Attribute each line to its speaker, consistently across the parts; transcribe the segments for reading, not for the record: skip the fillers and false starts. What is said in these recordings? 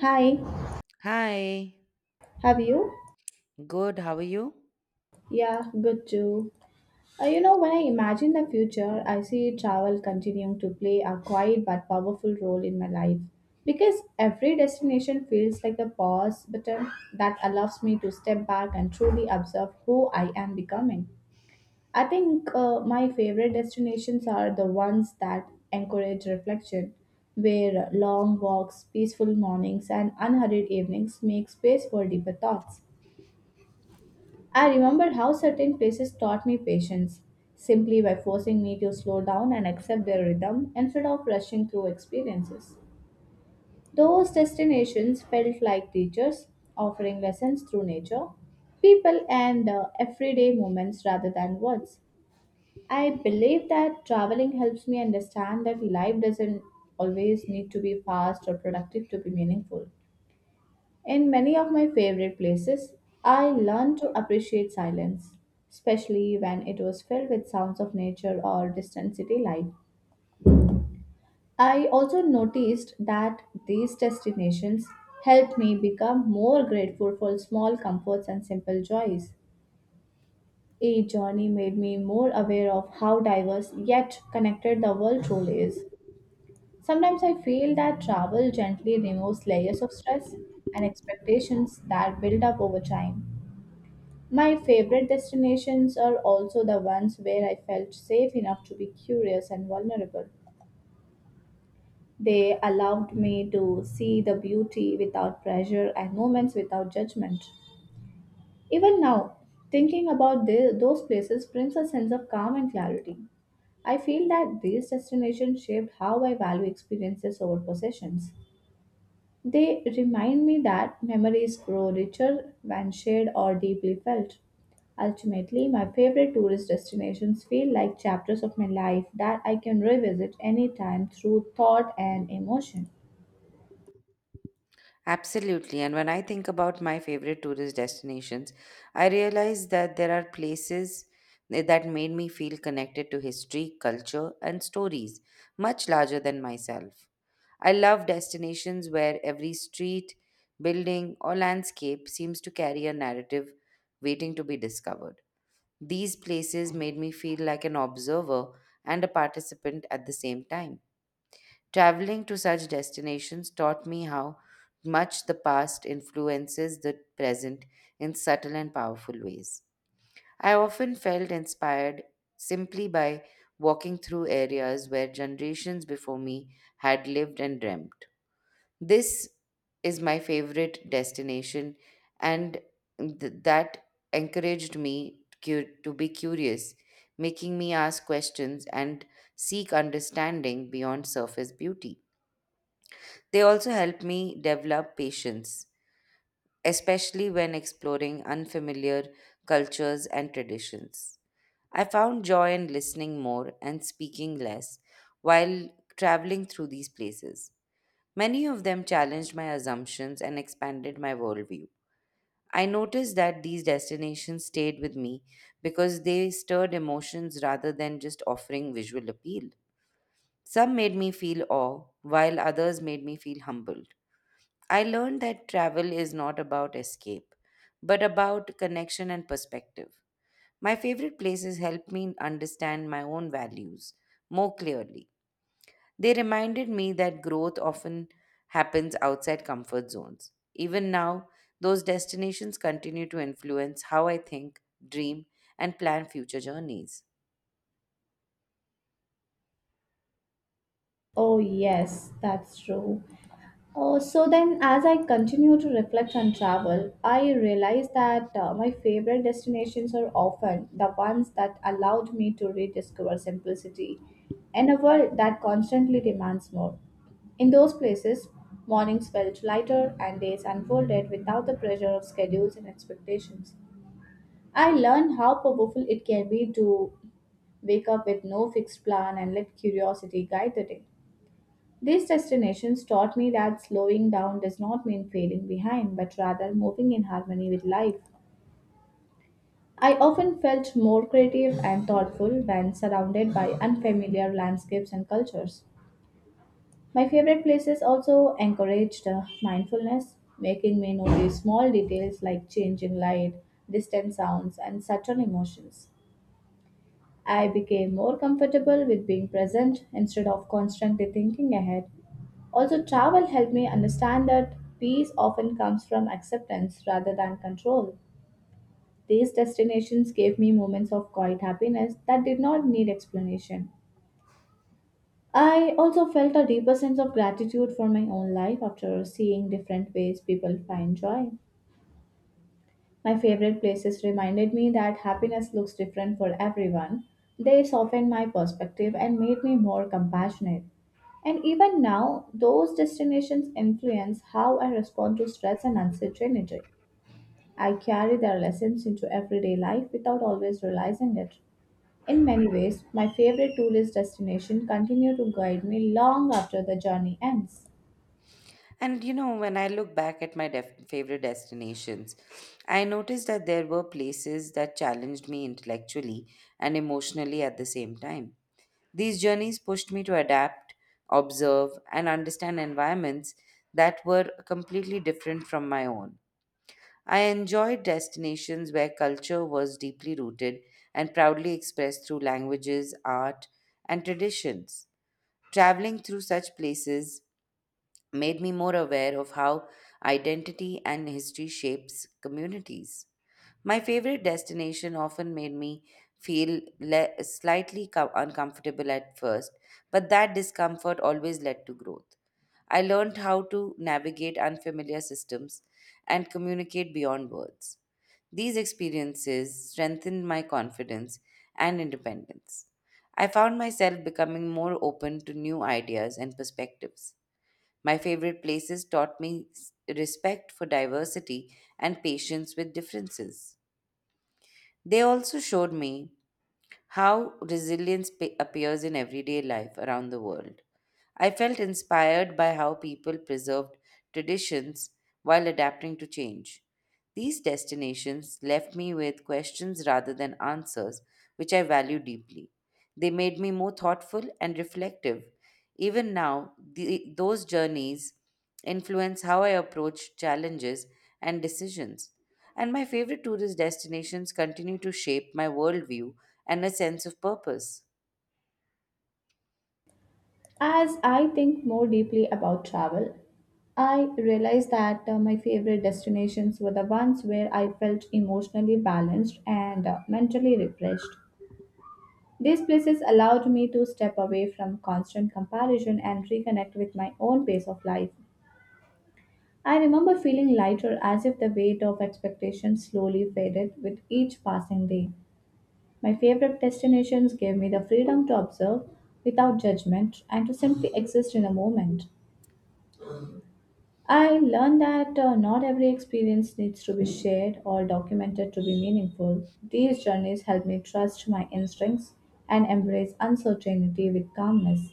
Speaker 1: Hi,
Speaker 2: Hi,
Speaker 1: have you?
Speaker 2: good, how are you?
Speaker 1: Yeah, good too. When I imagine the future, I see travel continuing to play a quiet but powerful role in my life because every destination feels like a pause button that allows me to step back and truly observe who I am becoming. I think my favorite destinations are the ones that encourage reflection, where long walks, peaceful mornings, and unhurried evenings make space for deeper thoughts. I remember how certain places taught me patience simply by forcing me to slow down and accept their rhythm instead of rushing through experiences. Those destinations felt like teachers offering lessons through nature, people, and everyday moments rather than words. I believe that traveling helps me understand that life doesn't always need to be fast or productive to be meaningful. In many of my favorite places, I learned to appreciate silence, especially when it was filled with sounds of nature or distant city life. I also noticed that these destinations helped me become more grateful for small comforts and simple joys. Each journey made me more aware of how diverse yet connected the world truly is. Sometimes I feel that travel gently removes layers of stress and expectations that build up over time. My favorite destinations are also the ones where I felt safe enough to be curious and vulnerable. They allowed me to see the beauty without pressure and moments without judgment. Even now, thinking about those places brings a sense of calm and clarity. I feel that these destinations shaped how I value experiences over possessions. They remind me that memories grow richer when shared or deeply felt. Ultimately, my favorite tourist destinations feel like chapters of my life that I can revisit anytime through thought and emotion.
Speaker 2: Absolutely. And when I think about my favorite tourist destinations, I realize that there are places that made me feel connected to history, culture, and stories much larger than myself. I love destinations where every street, building, or landscape seems to carry a narrative waiting to be discovered. These places made me feel like an observer and a participant at the same time. Traveling to such destinations taught me how much the past influences the present in subtle and powerful ways. I often felt inspired simply by walking through areas where generations before me had lived and dreamt. This is my favorite destination, and that encouraged me to be curious, making me ask questions and seek understanding beyond surface beauty. They also help me develop patience, especially when exploring unfamiliar cultures and traditions. I found joy in listening more and speaking less while traveling through these places. Many of them challenged my assumptions and expanded my worldview. I noticed that these destinations stayed with me because they stirred emotions rather than just offering visual appeal. Some made me feel awe, while others made me feel humbled. I learned that travel is not about escape, but about connection and perspective. My favorite places helped me understand my own values more clearly. They reminded me that growth often happens outside comfort zones. Even now, those destinations continue to influence how I think, dream, and plan future journeys.
Speaker 1: Oh, yes, that's true. Oh, so then, as I continue to reflect on travel, I realize that my favorite destinations are often the ones that allowed me to rediscover simplicity in a world that constantly demands more. In those places, mornings felt lighter and days unfolded without the pressure of schedules and expectations. I learned how powerful it can be to wake up with no fixed plan and let curiosity guide the day. These destinations taught me that slowing down does not mean failing behind, but rather moving in harmony with life. I often felt more creative and thoughtful when surrounded by unfamiliar landscapes and cultures. My favorite places also encouraged mindfulness, making me notice small details like changing light, distant sounds, and subtle emotions. I became more comfortable with being present instead of constantly thinking ahead. Also, travel helped me understand that peace often comes from acceptance rather than control. These destinations gave me moments of quiet happiness that did not need explanation. I also felt a deeper sense of gratitude for my own life after seeing different ways people find joy. My favorite places reminded me that happiness looks different for everyone. They softened my perspective and made me more compassionate. And even now, those destinations influence how I respond to stress and uncertainty. I carry their lessons into everyday life without always realizing it. In many ways, my favorite tourist destination continue to guide me long after the journey ends.
Speaker 2: And you know, when I look back at my favorite destinations, I noticed that there were places that challenged me intellectually and emotionally at the same time. These journeys pushed me to adapt, observe, and understand environments that were completely different from my own. I enjoyed destinations where culture was deeply rooted and proudly expressed through languages, art, and traditions. Traveling through such places made me more aware of how identity and history shapes communities. My favorite destination often made me feel slightly uncomfortable at first, but that discomfort always led to growth. I learned how to navigate unfamiliar systems and communicate beyond words. These experiences strengthened my confidence and independence. I found myself becoming more open to new ideas and perspectives. My favorite places taught me respect for diversity and patience with differences. They also showed me how resilience appears in everyday life around the world. I felt inspired by how people preserved traditions while adapting to change. These destinations left me with questions rather than answers, which I value deeply. They made me more thoughtful and reflective. Even now, those journeys influence how I approach challenges and decisions. And my favorite tourist destinations continue to shape my worldview and a sense of purpose.
Speaker 1: As I think more deeply about travel, I realized that my favorite destinations were the ones where I felt emotionally balanced and mentally refreshed. These places allowed me to step away from constant comparison and reconnect with my own pace of life. I remember feeling lighter as if the weight of expectations slowly faded with each passing day. My favorite destinations gave me the freedom to observe without judgment and to simply exist in the moment. I learned that not every experience needs to be shared or documented to be meaningful. These journeys helped me trust my instincts and embrace uncertainty with calmness.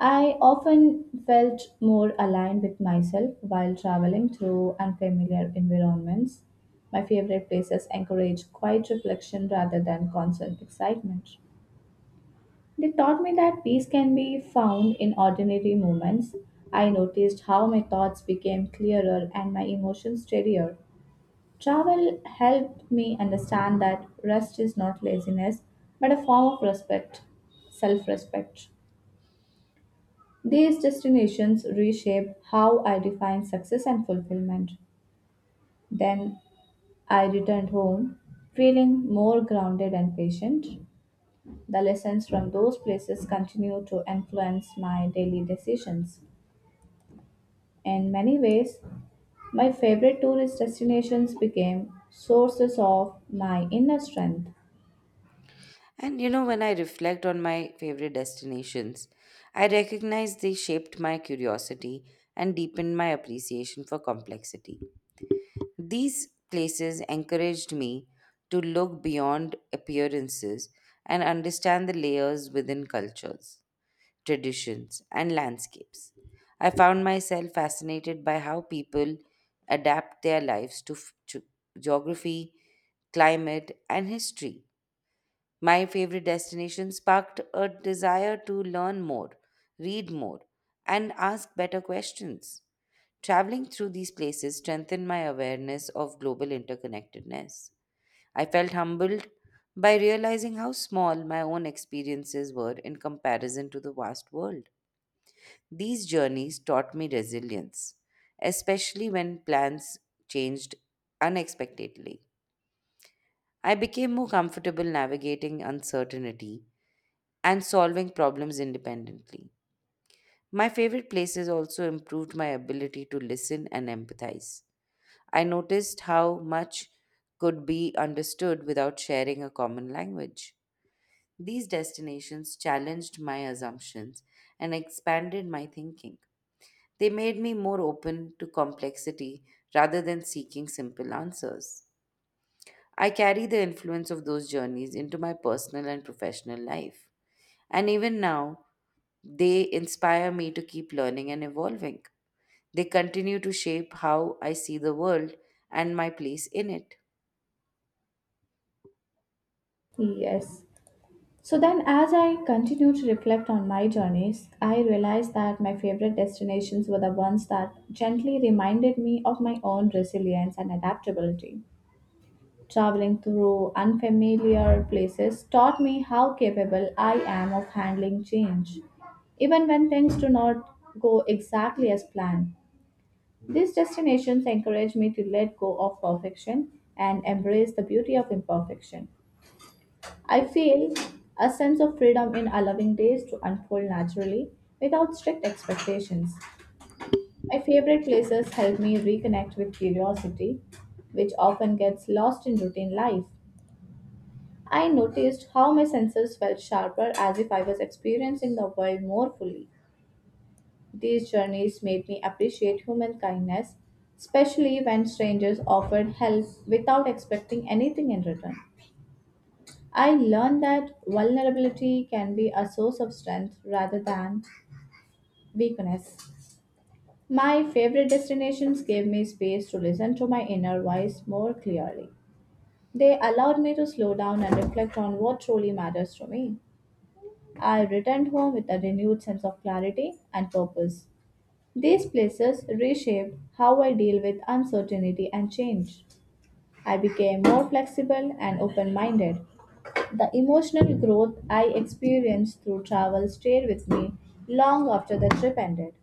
Speaker 1: I often felt more aligned with myself while traveling through unfamiliar environments. My favorite places encourage quiet reflection rather than constant excitement. They taught me that peace can be found in ordinary moments. I noticed how my thoughts became clearer and my emotions steadier. Travel helped me understand that rest is not laziness, but a form of respect, self respect. These destinations reshape how I define success and fulfillment. Then I returned home feeling more grounded and patient. The lessons from those places continue to influence my daily decisions. In many ways, my favorite tourist destinations became sources of my inner strength.
Speaker 2: And you know, when I reflect on my favorite destinations, I recognize they shaped my curiosity and deepened my appreciation for complexity. These places encouraged me to look beyond appearances and understand the layers within cultures, traditions, and landscapes. I found myself fascinated by how people adapt their lives to geography, climate, and history. My favorite destination sparked a desire to learn more, read more, and ask better questions. Traveling through these places strengthened my awareness of global interconnectedness. I felt humbled by realizing how small my own experiences were in comparison to the vast world. These journeys taught me resilience, especially when plans changed unexpectedly. I became more comfortable navigating uncertainty and solving problems independently. My favorite places also improved my ability to listen and empathize. I noticed how much could be understood without sharing a common language. These destinations challenged my assumptions and expanded my thinking. They made me more open to complexity rather than seeking simple answers. I carry the influence of those journeys into my personal and professional life. And even now, they inspire me to keep learning and evolving. They continue to shape how I see the world and my place in it.
Speaker 1: Yes. So then, as I continue to reflect on my journeys, I realized that my favorite destinations were the ones that gently reminded me of my own resilience and adaptability. Traveling through unfamiliar places taught me how capable I am of handling change, even when things do not go exactly as planned. These destinations encourage me to let go of perfection and embrace the beauty of imperfection. I feel a sense of freedom in allowing days to unfold naturally without strict expectations. My favorite places help me reconnect with curiosity, which often gets lost in routine life. I noticed how my senses felt sharper as if I was experiencing the world more fully. These journeys made me appreciate human kindness, especially when strangers offered help without expecting anything in return. I learned that vulnerability can be a source of strength rather than weakness. My favorite destinations gave me space to listen to my inner voice more clearly. They allowed me to slow down and reflect on what truly matters to me. I returned home with a renewed sense of clarity and purpose. These places reshaped how I deal with uncertainty and change. I became more flexible and open minded. The emotional growth I experienced through travel stayed with me long after the trip ended.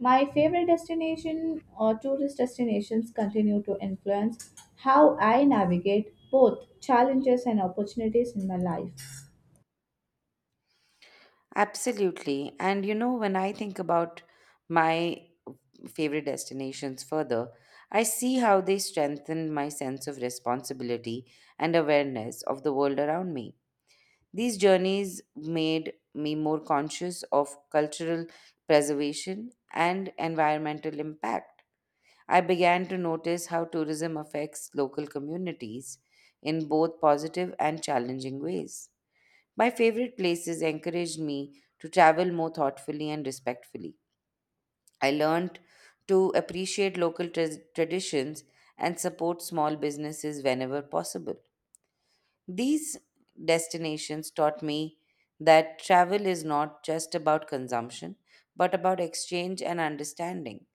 Speaker 1: My favorite destination or tourist destinations continue to influence how I navigate both challenges and opportunities in my life.
Speaker 2: Absolutely. And you know, when I think about my favorite destinations further, I see how they strengthen my sense of responsibility and awareness of the world around me. These journeys made me more conscious of cultural preservation and environmental impact. I began to notice how tourism affects local communities in both positive and challenging ways. My favorite places encouraged me to travel more thoughtfully and respectfully. I learned to appreciate local traditions and support small businesses whenever possible. These destinations taught me that travel is not just about consumption, but about exchange and understanding.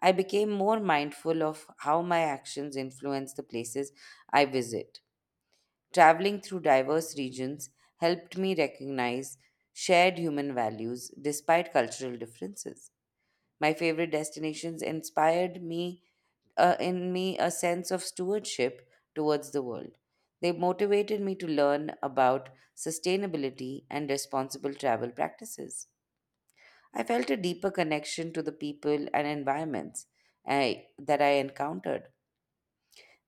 Speaker 2: I became more mindful of how my actions influence the places I visit. Traveling through diverse regions helped me recognize shared human values despite cultural differences. My favorite destinations inspired me in me a sense of stewardship towards the world. They motivated me to learn about sustainability and responsible travel practices. I felt a deeper connection to the people and environments that I encountered.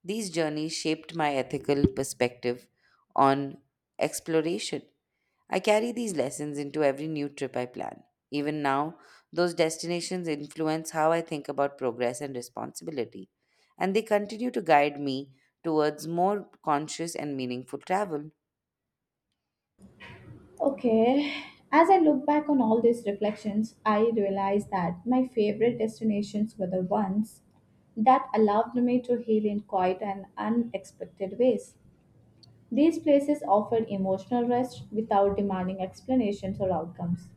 Speaker 2: These journeys shaped my ethical perspective on exploration. I carry these lessons into every new trip I plan. Even now, those destinations influence how I think about progress and responsibility, and they continue to guide me towards more conscious and meaningful travel.
Speaker 1: Okay. As I look back on all these reflections, I realize that my favorite destinations were the ones that allowed me to heal in quiet and unexpected ways. These places offered emotional rest without demanding explanations or outcomes.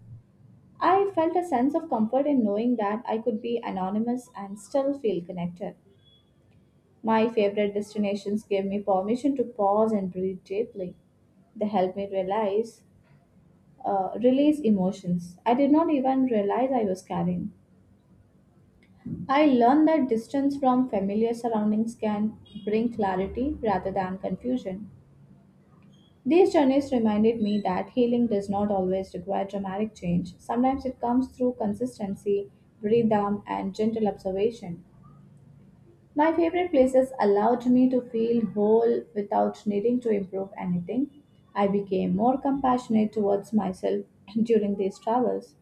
Speaker 1: I felt a sense of comfort in knowing that I could be anonymous and still feel connected. My favorite destinations gave me permission to pause and breathe deeply. They helped me realize release emotions I did not even realize I was carrying. I learned that distance from familiar surroundings can bring clarity rather than confusion. These journeys reminded me that healing does not always require dramatic change. Sometimes it comes through consistency, rhythm, and gentle observation. My favorite places allowed me to feel whole without needing to improve anything. I became more compassionate towards myself during these travels.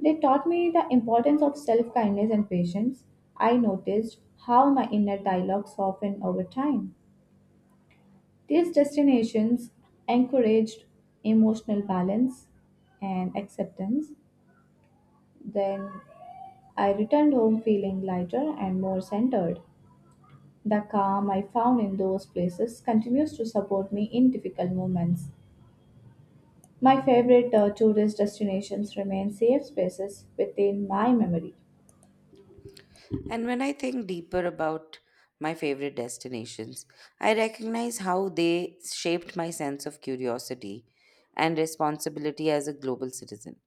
Speaker 1: They taught me the importance of self kindness and patience. I noticed how my inner dialogue softened over time. These destinations encouraged emotional balance and acceptance. Then I returned home feeling lighter and more centered. The calm I found in those places continues to support me in difficult moments. My favorite tourist destinations remain safe spaces within my memory.
Speaker 2: And when I think deeper about my favorite destinations, I recognize how they shaped my sense of curiosity and responsibility as a global citizen.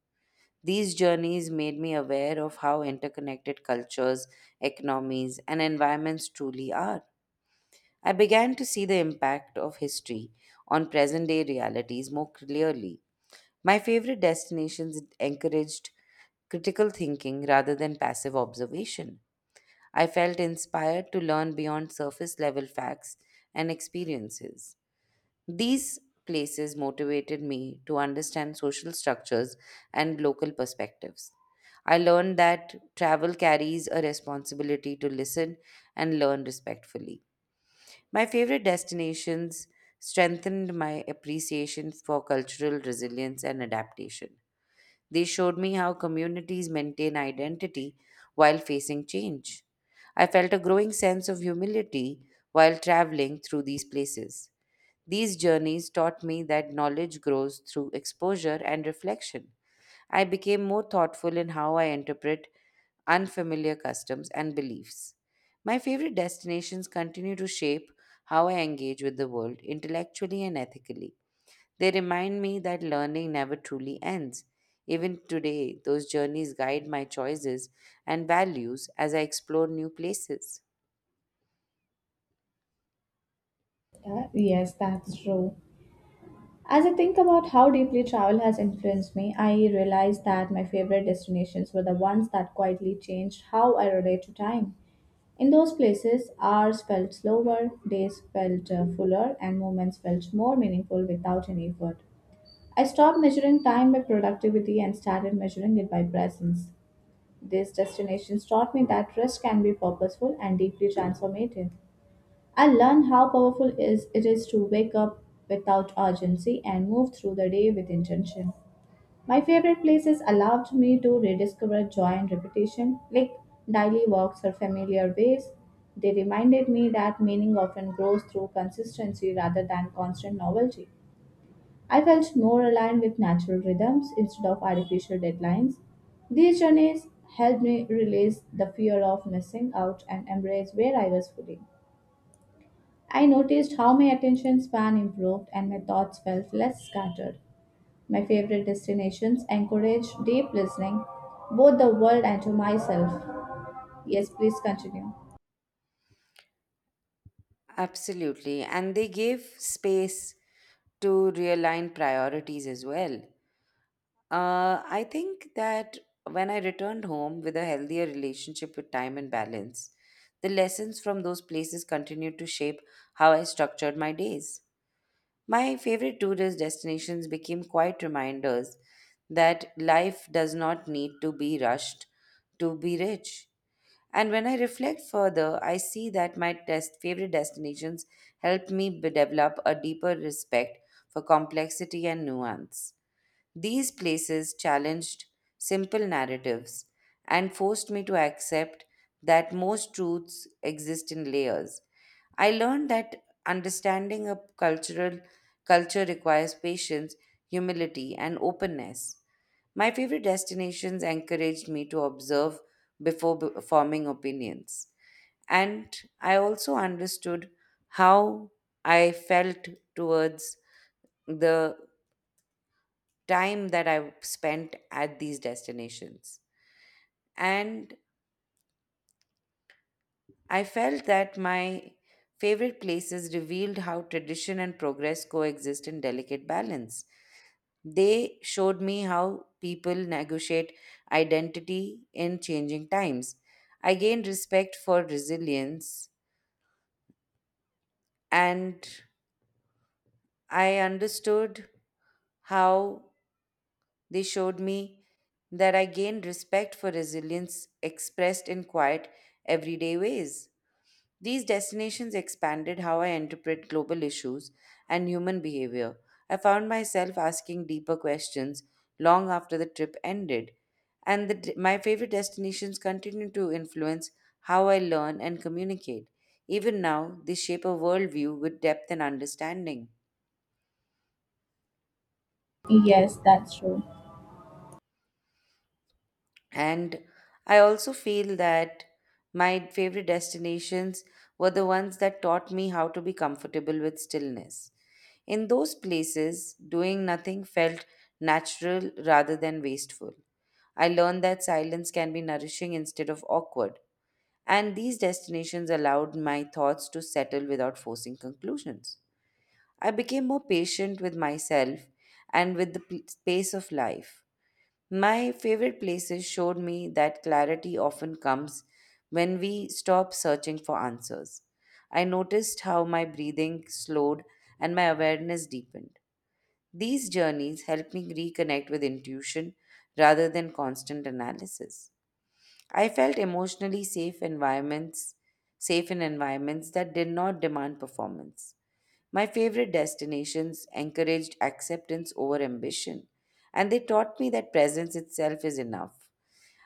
Speaker 2: These journeys made me aware of how interconnected cultures, economies, and environments truly are. I began to see the impact of history on present day realities more clearly. My favorite destinations encouraged critical thinking rather than passive observation. I felt inspired to learn beyond surface level facts and experiences. These places motivated me to understand social structures and local perspectives. I learned that travel carries a responsibility to listen and learn respectfully. My favorite destinations strengthened my appreciation for cultural resilience and adaptation. They showed me how communities maintain identity while facing change. I felt a growing sense of humility while traveling through these places. These journeys taught me that knowledge grows through exposure and reflection. I became more thoughtful in how I interpret unfamiliar customs and beliefs. My favorite destinations continue to shape how I engage with the world intellectually and ethically. They remind me that learning never truly ends. Even today, those journeys guide my choices and values as I explore new places.
Speaker 1: Yes, that's true. As I think about how deeply travel has influenced me, I realize that my favorite destinations were the ones that quietly changed how I relate to time. In those places, hours felt slower, days felt fuller, and moments felt more meaningful without any effort. I stopped measuring time by productivity and started measuring it by presence. These destinations taught me that rest can be purposeful and deeply transformative. I learned how powerful is it is to wake up without urgency and move through the day with intention. My favorite places allowed me to rediscover joy and repetition, like daily walks or familiar ways. They reminded me that meaning often grows through consistency rather than constant novelty. I felt more aligned with natural rhythms instead of artificial deadlines. These journeys helped me release the fear of missing out and embrace where I was fully. I noticed how my attention span improved and my thoughts felt less scattered. My favorite destinations encourage deep listening, both the world and to myself. Yes, please continue.
Speaker 2: Absolutely. And they give space to realign priorities as well. I think that when I returned home with a healthier relationship with time and balance, the lessons from those places continued to shape how I structured my days. My favorite tourist destinations became quite reminders that life does not need to be rushed to be rich. And when I reflect further, I see that my test favorite destinations help me develop a deeper respect for complexity and nuance. These places challenged simple narratives and forced me to accept that most truths exist in layers. I learned that understanding a cultural culture requires patience, humility, and openness. My favorite destinations encouraged me to observe before forming opinions. And I also understood how I felt towards the time that I spent at these destinations. And I felt that my favorite places revealed how tradition and progress coexist in delicate balance. They showed me how people negotiate identity in changing times. I gained respect for resilience, and I understood how they showed me that I gained respect for resilience expressed in quiet, everyday ways. These destinations expanded how I interpret global issues and human behavior. I found myself asking deeper questions long after the trip ended, and my favorite destinations continue to influence how I learn and communicate. Even now, they shape a worldview with depth and understanding.
Speaker 1: Yes, that's true.
Speaker 2: And I also feel that my favorite destinations were the ones that taught me how to be comfortable with stillness. In those places, doing nothing felt natural rather than wasteful. I learned that silence can be nourishing instead of awkward. And these destinations allowed my thoughts to settle without forcing conclusions. I became more patient with myself and with the pace of life. My favorite places showed me that clarity often comes when we stop searching for answers. I noticed how my breathing slowed and my awareness deepened. These journeys helped me reconnect with intuition rather than constant analysis. I felt safe in environments that did not demand performance. My favorite destinations encouraged acceptance over ambition, and they taught me that presence itself is enough.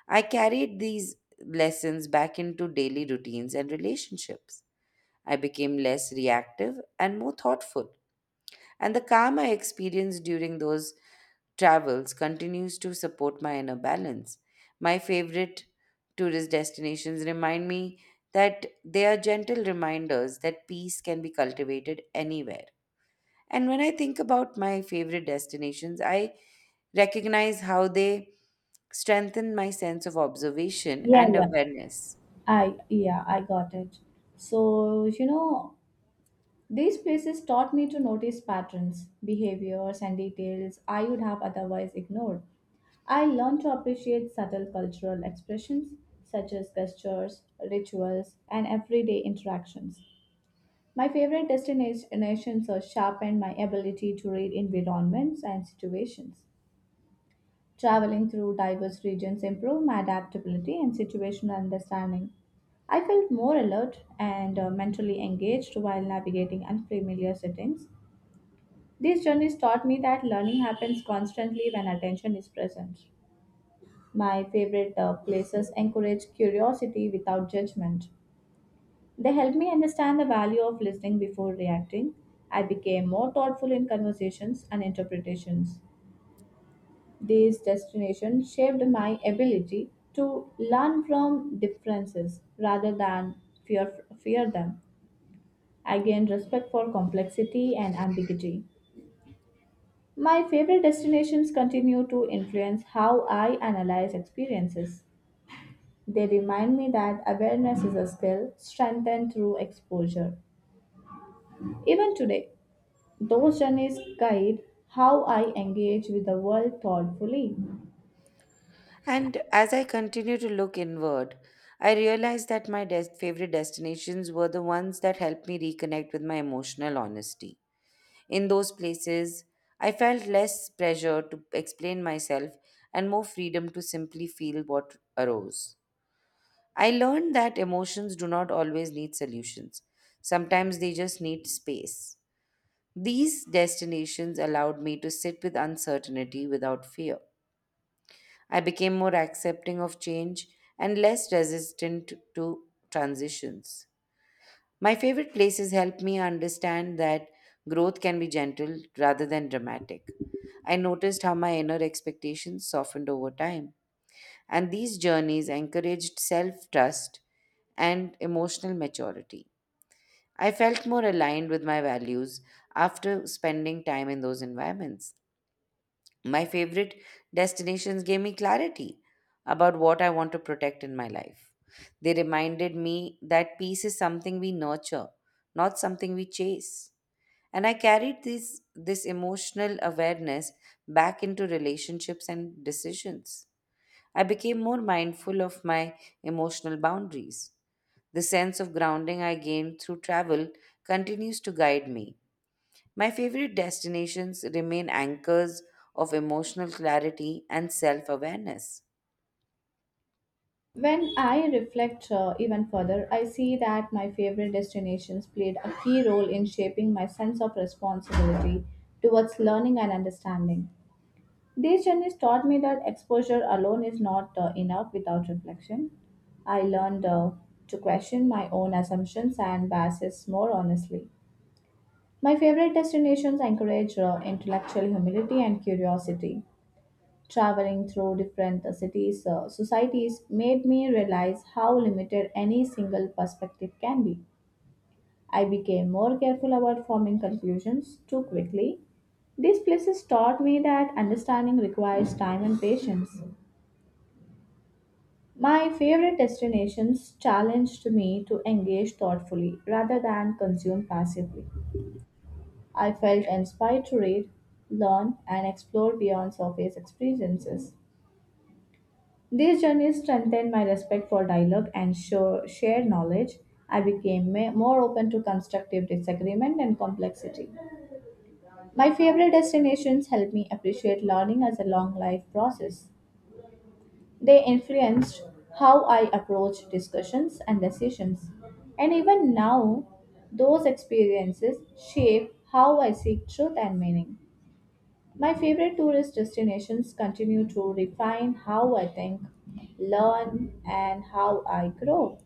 Speaker 2: I carried these lessons back into daily routines and relationships. I became less reactive and more thoughtful, and the calm I experienced during those travels continues to support my inner balance. My favorite tourist destinations remind me that they are gentle reminders that peace can be cultivated anywhere. And when I think about my favorite destinations, I recognize how they strengthen my sense of observation
Speaker 1: Yeah,
Speaker 2: and
Speaker 1: yeah.
Speaker 2: awareness.
Speaker 1: I Yeah, I got it. So, these places taught me to notice patterns, behaviors, and details I would have otherwise ignored. I learned to appreciate subtle cultural expressions such as gestures, rituals, and everyday interactions. My favorite destinations have sharpened my ability to read environments and situations. Traveling through diverse regions improved my adaptability and situational understanding. I felt more alert and mentally engaged while navigating unfamiliar settings. These journeys taught me that learning happens constantly when attention is present. My favorite places encourage curiosity without judgment. They help me understand the value of listening before reacting. I became more thoughtful in conversations and interpretations. These destinations shaped my ability to learn from differences rather than fear them. I gained respect for complexity and ambiguity. My favorite destinations continue to influence how I analyze experiences. They remind me that awareness is a skill strengthened through exposure. Even today, those journeys guide how I engage with the world thoughtfully.
Speaker 2: And as I continue to look inward, I realize that my favorite destinations were the ones that helped me reconnect with my emotional honesty. In those places, I felt less pressure to explain myself and more freedom to simply feel what arose. I learned that emotions do not always need solutions. Sometimes they just need space. These destinations allowed me to sit with uncertainty without fear. I became more accepting of change and less resistant to transitions. My favorite places helped me understand that growth can be gentle rather than dramatic. I noticed how my inner expectations softened over time. And these journeys encouraged self trust and emotional maturity. I felt more aligned with my values after spending time in those environments. My favorite destinations gave me clarity about what I want to protect in my life. They reminded me that peace is something we nurture, not something we chase. And I carried this emotional awareness back into relationships and decisions. I became more mindful of my emotional boundaries. The sense of grounding I gained through travel continues to guide me. My favorite destinations remain anchors of emotional clarity and self awareness.
Speaker 1: When I reflect even further, I see that my favorite destinations played a key role in shaping my sense of responsibility towards learning and understanding. These journeys taught me that exposure alone is not enough without reflection. I learned to question my own assumptions and biases more honestly. My favorite destinations encourage intellectual humility and curiosity. Traveling through different cities, societies made me realize how limited any single perspective can be. I became more careful about forming conclusions too quickly. These places taught me that understanding requires time and patience. My favorite destinations challenged me to engage thoughtfully rather than consume passively. I felt inspired to read, learn, and explore beyond surface experiences. These journeys strengthened my respect for dialogue and shared knowledge. I became more open to constructive disagreement and complexity. My favorite destinations helped me appreciate learning as a long life process. They influenced how I approach discussions and decisions. And even now, those experiences shape how I seek truth and meaning. My favorite tourist destinations continue to refine how I think, learn, and how I grow.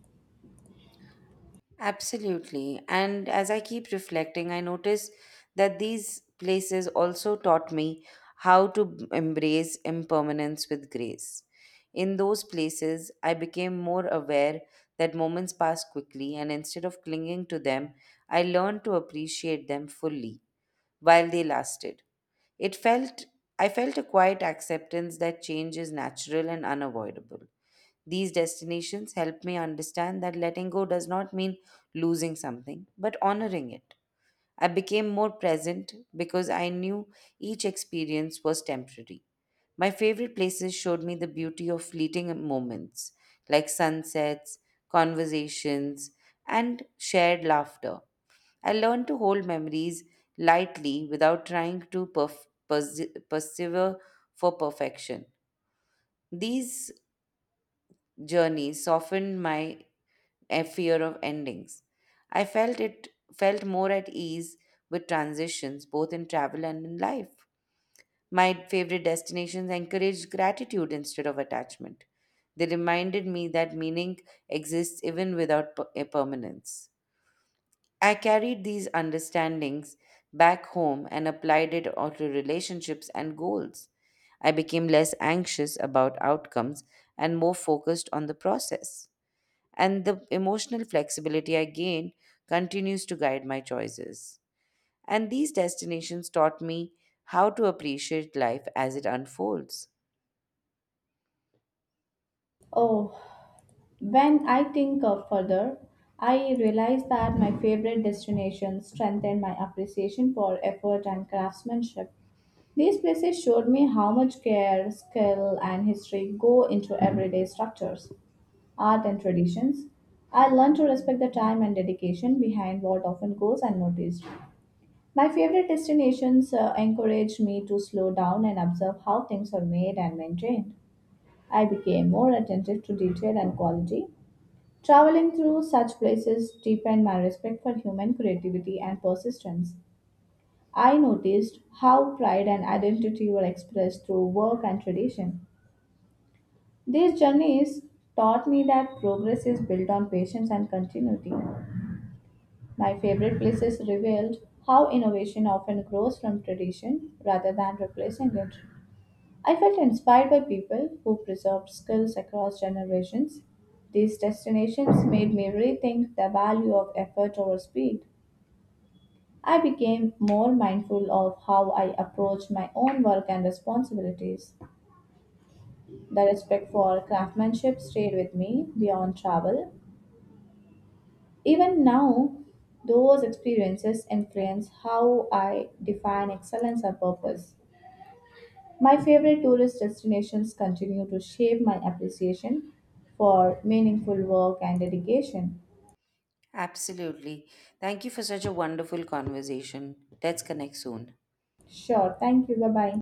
Speaker 2: Absolutely. And as I keep reflecting, I notice that these places also taught me how to embrace impermanence with grace. In those places, I became more aware that moments pass quickly, and instead of clinging to them, I learned to appreciate them fully while they lasted. It felt I felt a quiet acceptance that change is natural and unavoidable. These destinations help me understand that letting go does not mean losing something, but honoring it. I became more present because I knew each experience was temporary. My favorite places showed me the beauty of fleeting moments, like sunsets, conversations, and shared laughter. I learned to hold memories lightly without trying to persevere for perfection. These journeys softened my a fear of endings. I felt it felt more at ease with transitions, both in travel and in life. My favorite destinations encouraged gratitude instead of attachment. They reminded me that meaning exists even without a permanence. I carried these understandings back home and applied it all to relationships and goals. I became less anxious about outcomes and more focused on the process, and the emotional flexibility I gained continues to guide my choices. And these destinations taught me how to appreciate life as it unfolds.
Speaker 1: Oh, when I think of further, I realize that my favorite destinations strengthen my appreciation for effort and craftsmanship. These places showed me how much care, skill, and history go into everyday structures, art, and traditions. I learned to respect the time and dedication behind what often goes unnoticed. My favorite destinations encouraged me to slow down and observe how things are made and maintained. I became more attentive to detail and quality. Traveling through such places deepened my respect for human creativity and persistence. I noticed how pride and identity were expressed through work and tradition. These journeys taught me that progress is built on patience and continuity. My favorite places revealed how innovation often grows from tradition rather than replacing it. I felt inspired by people who preserved skills across generations. These destinations made me rethink the value of effort over speed. I became more mindful of how I approached my own work and responsibilities. The respect for craftsmanship stayed with me beyond travel. Even now, those experiences influence how I define excellence and purpose. My favorite tourist destinations continue to shape my appreciation for meaningful work and dedication.
Speaker 2: Absolutely. Thank you for such a wonderful conversation. Let's connect soon.
Speaker 1: Sure, thank you. Bye bye.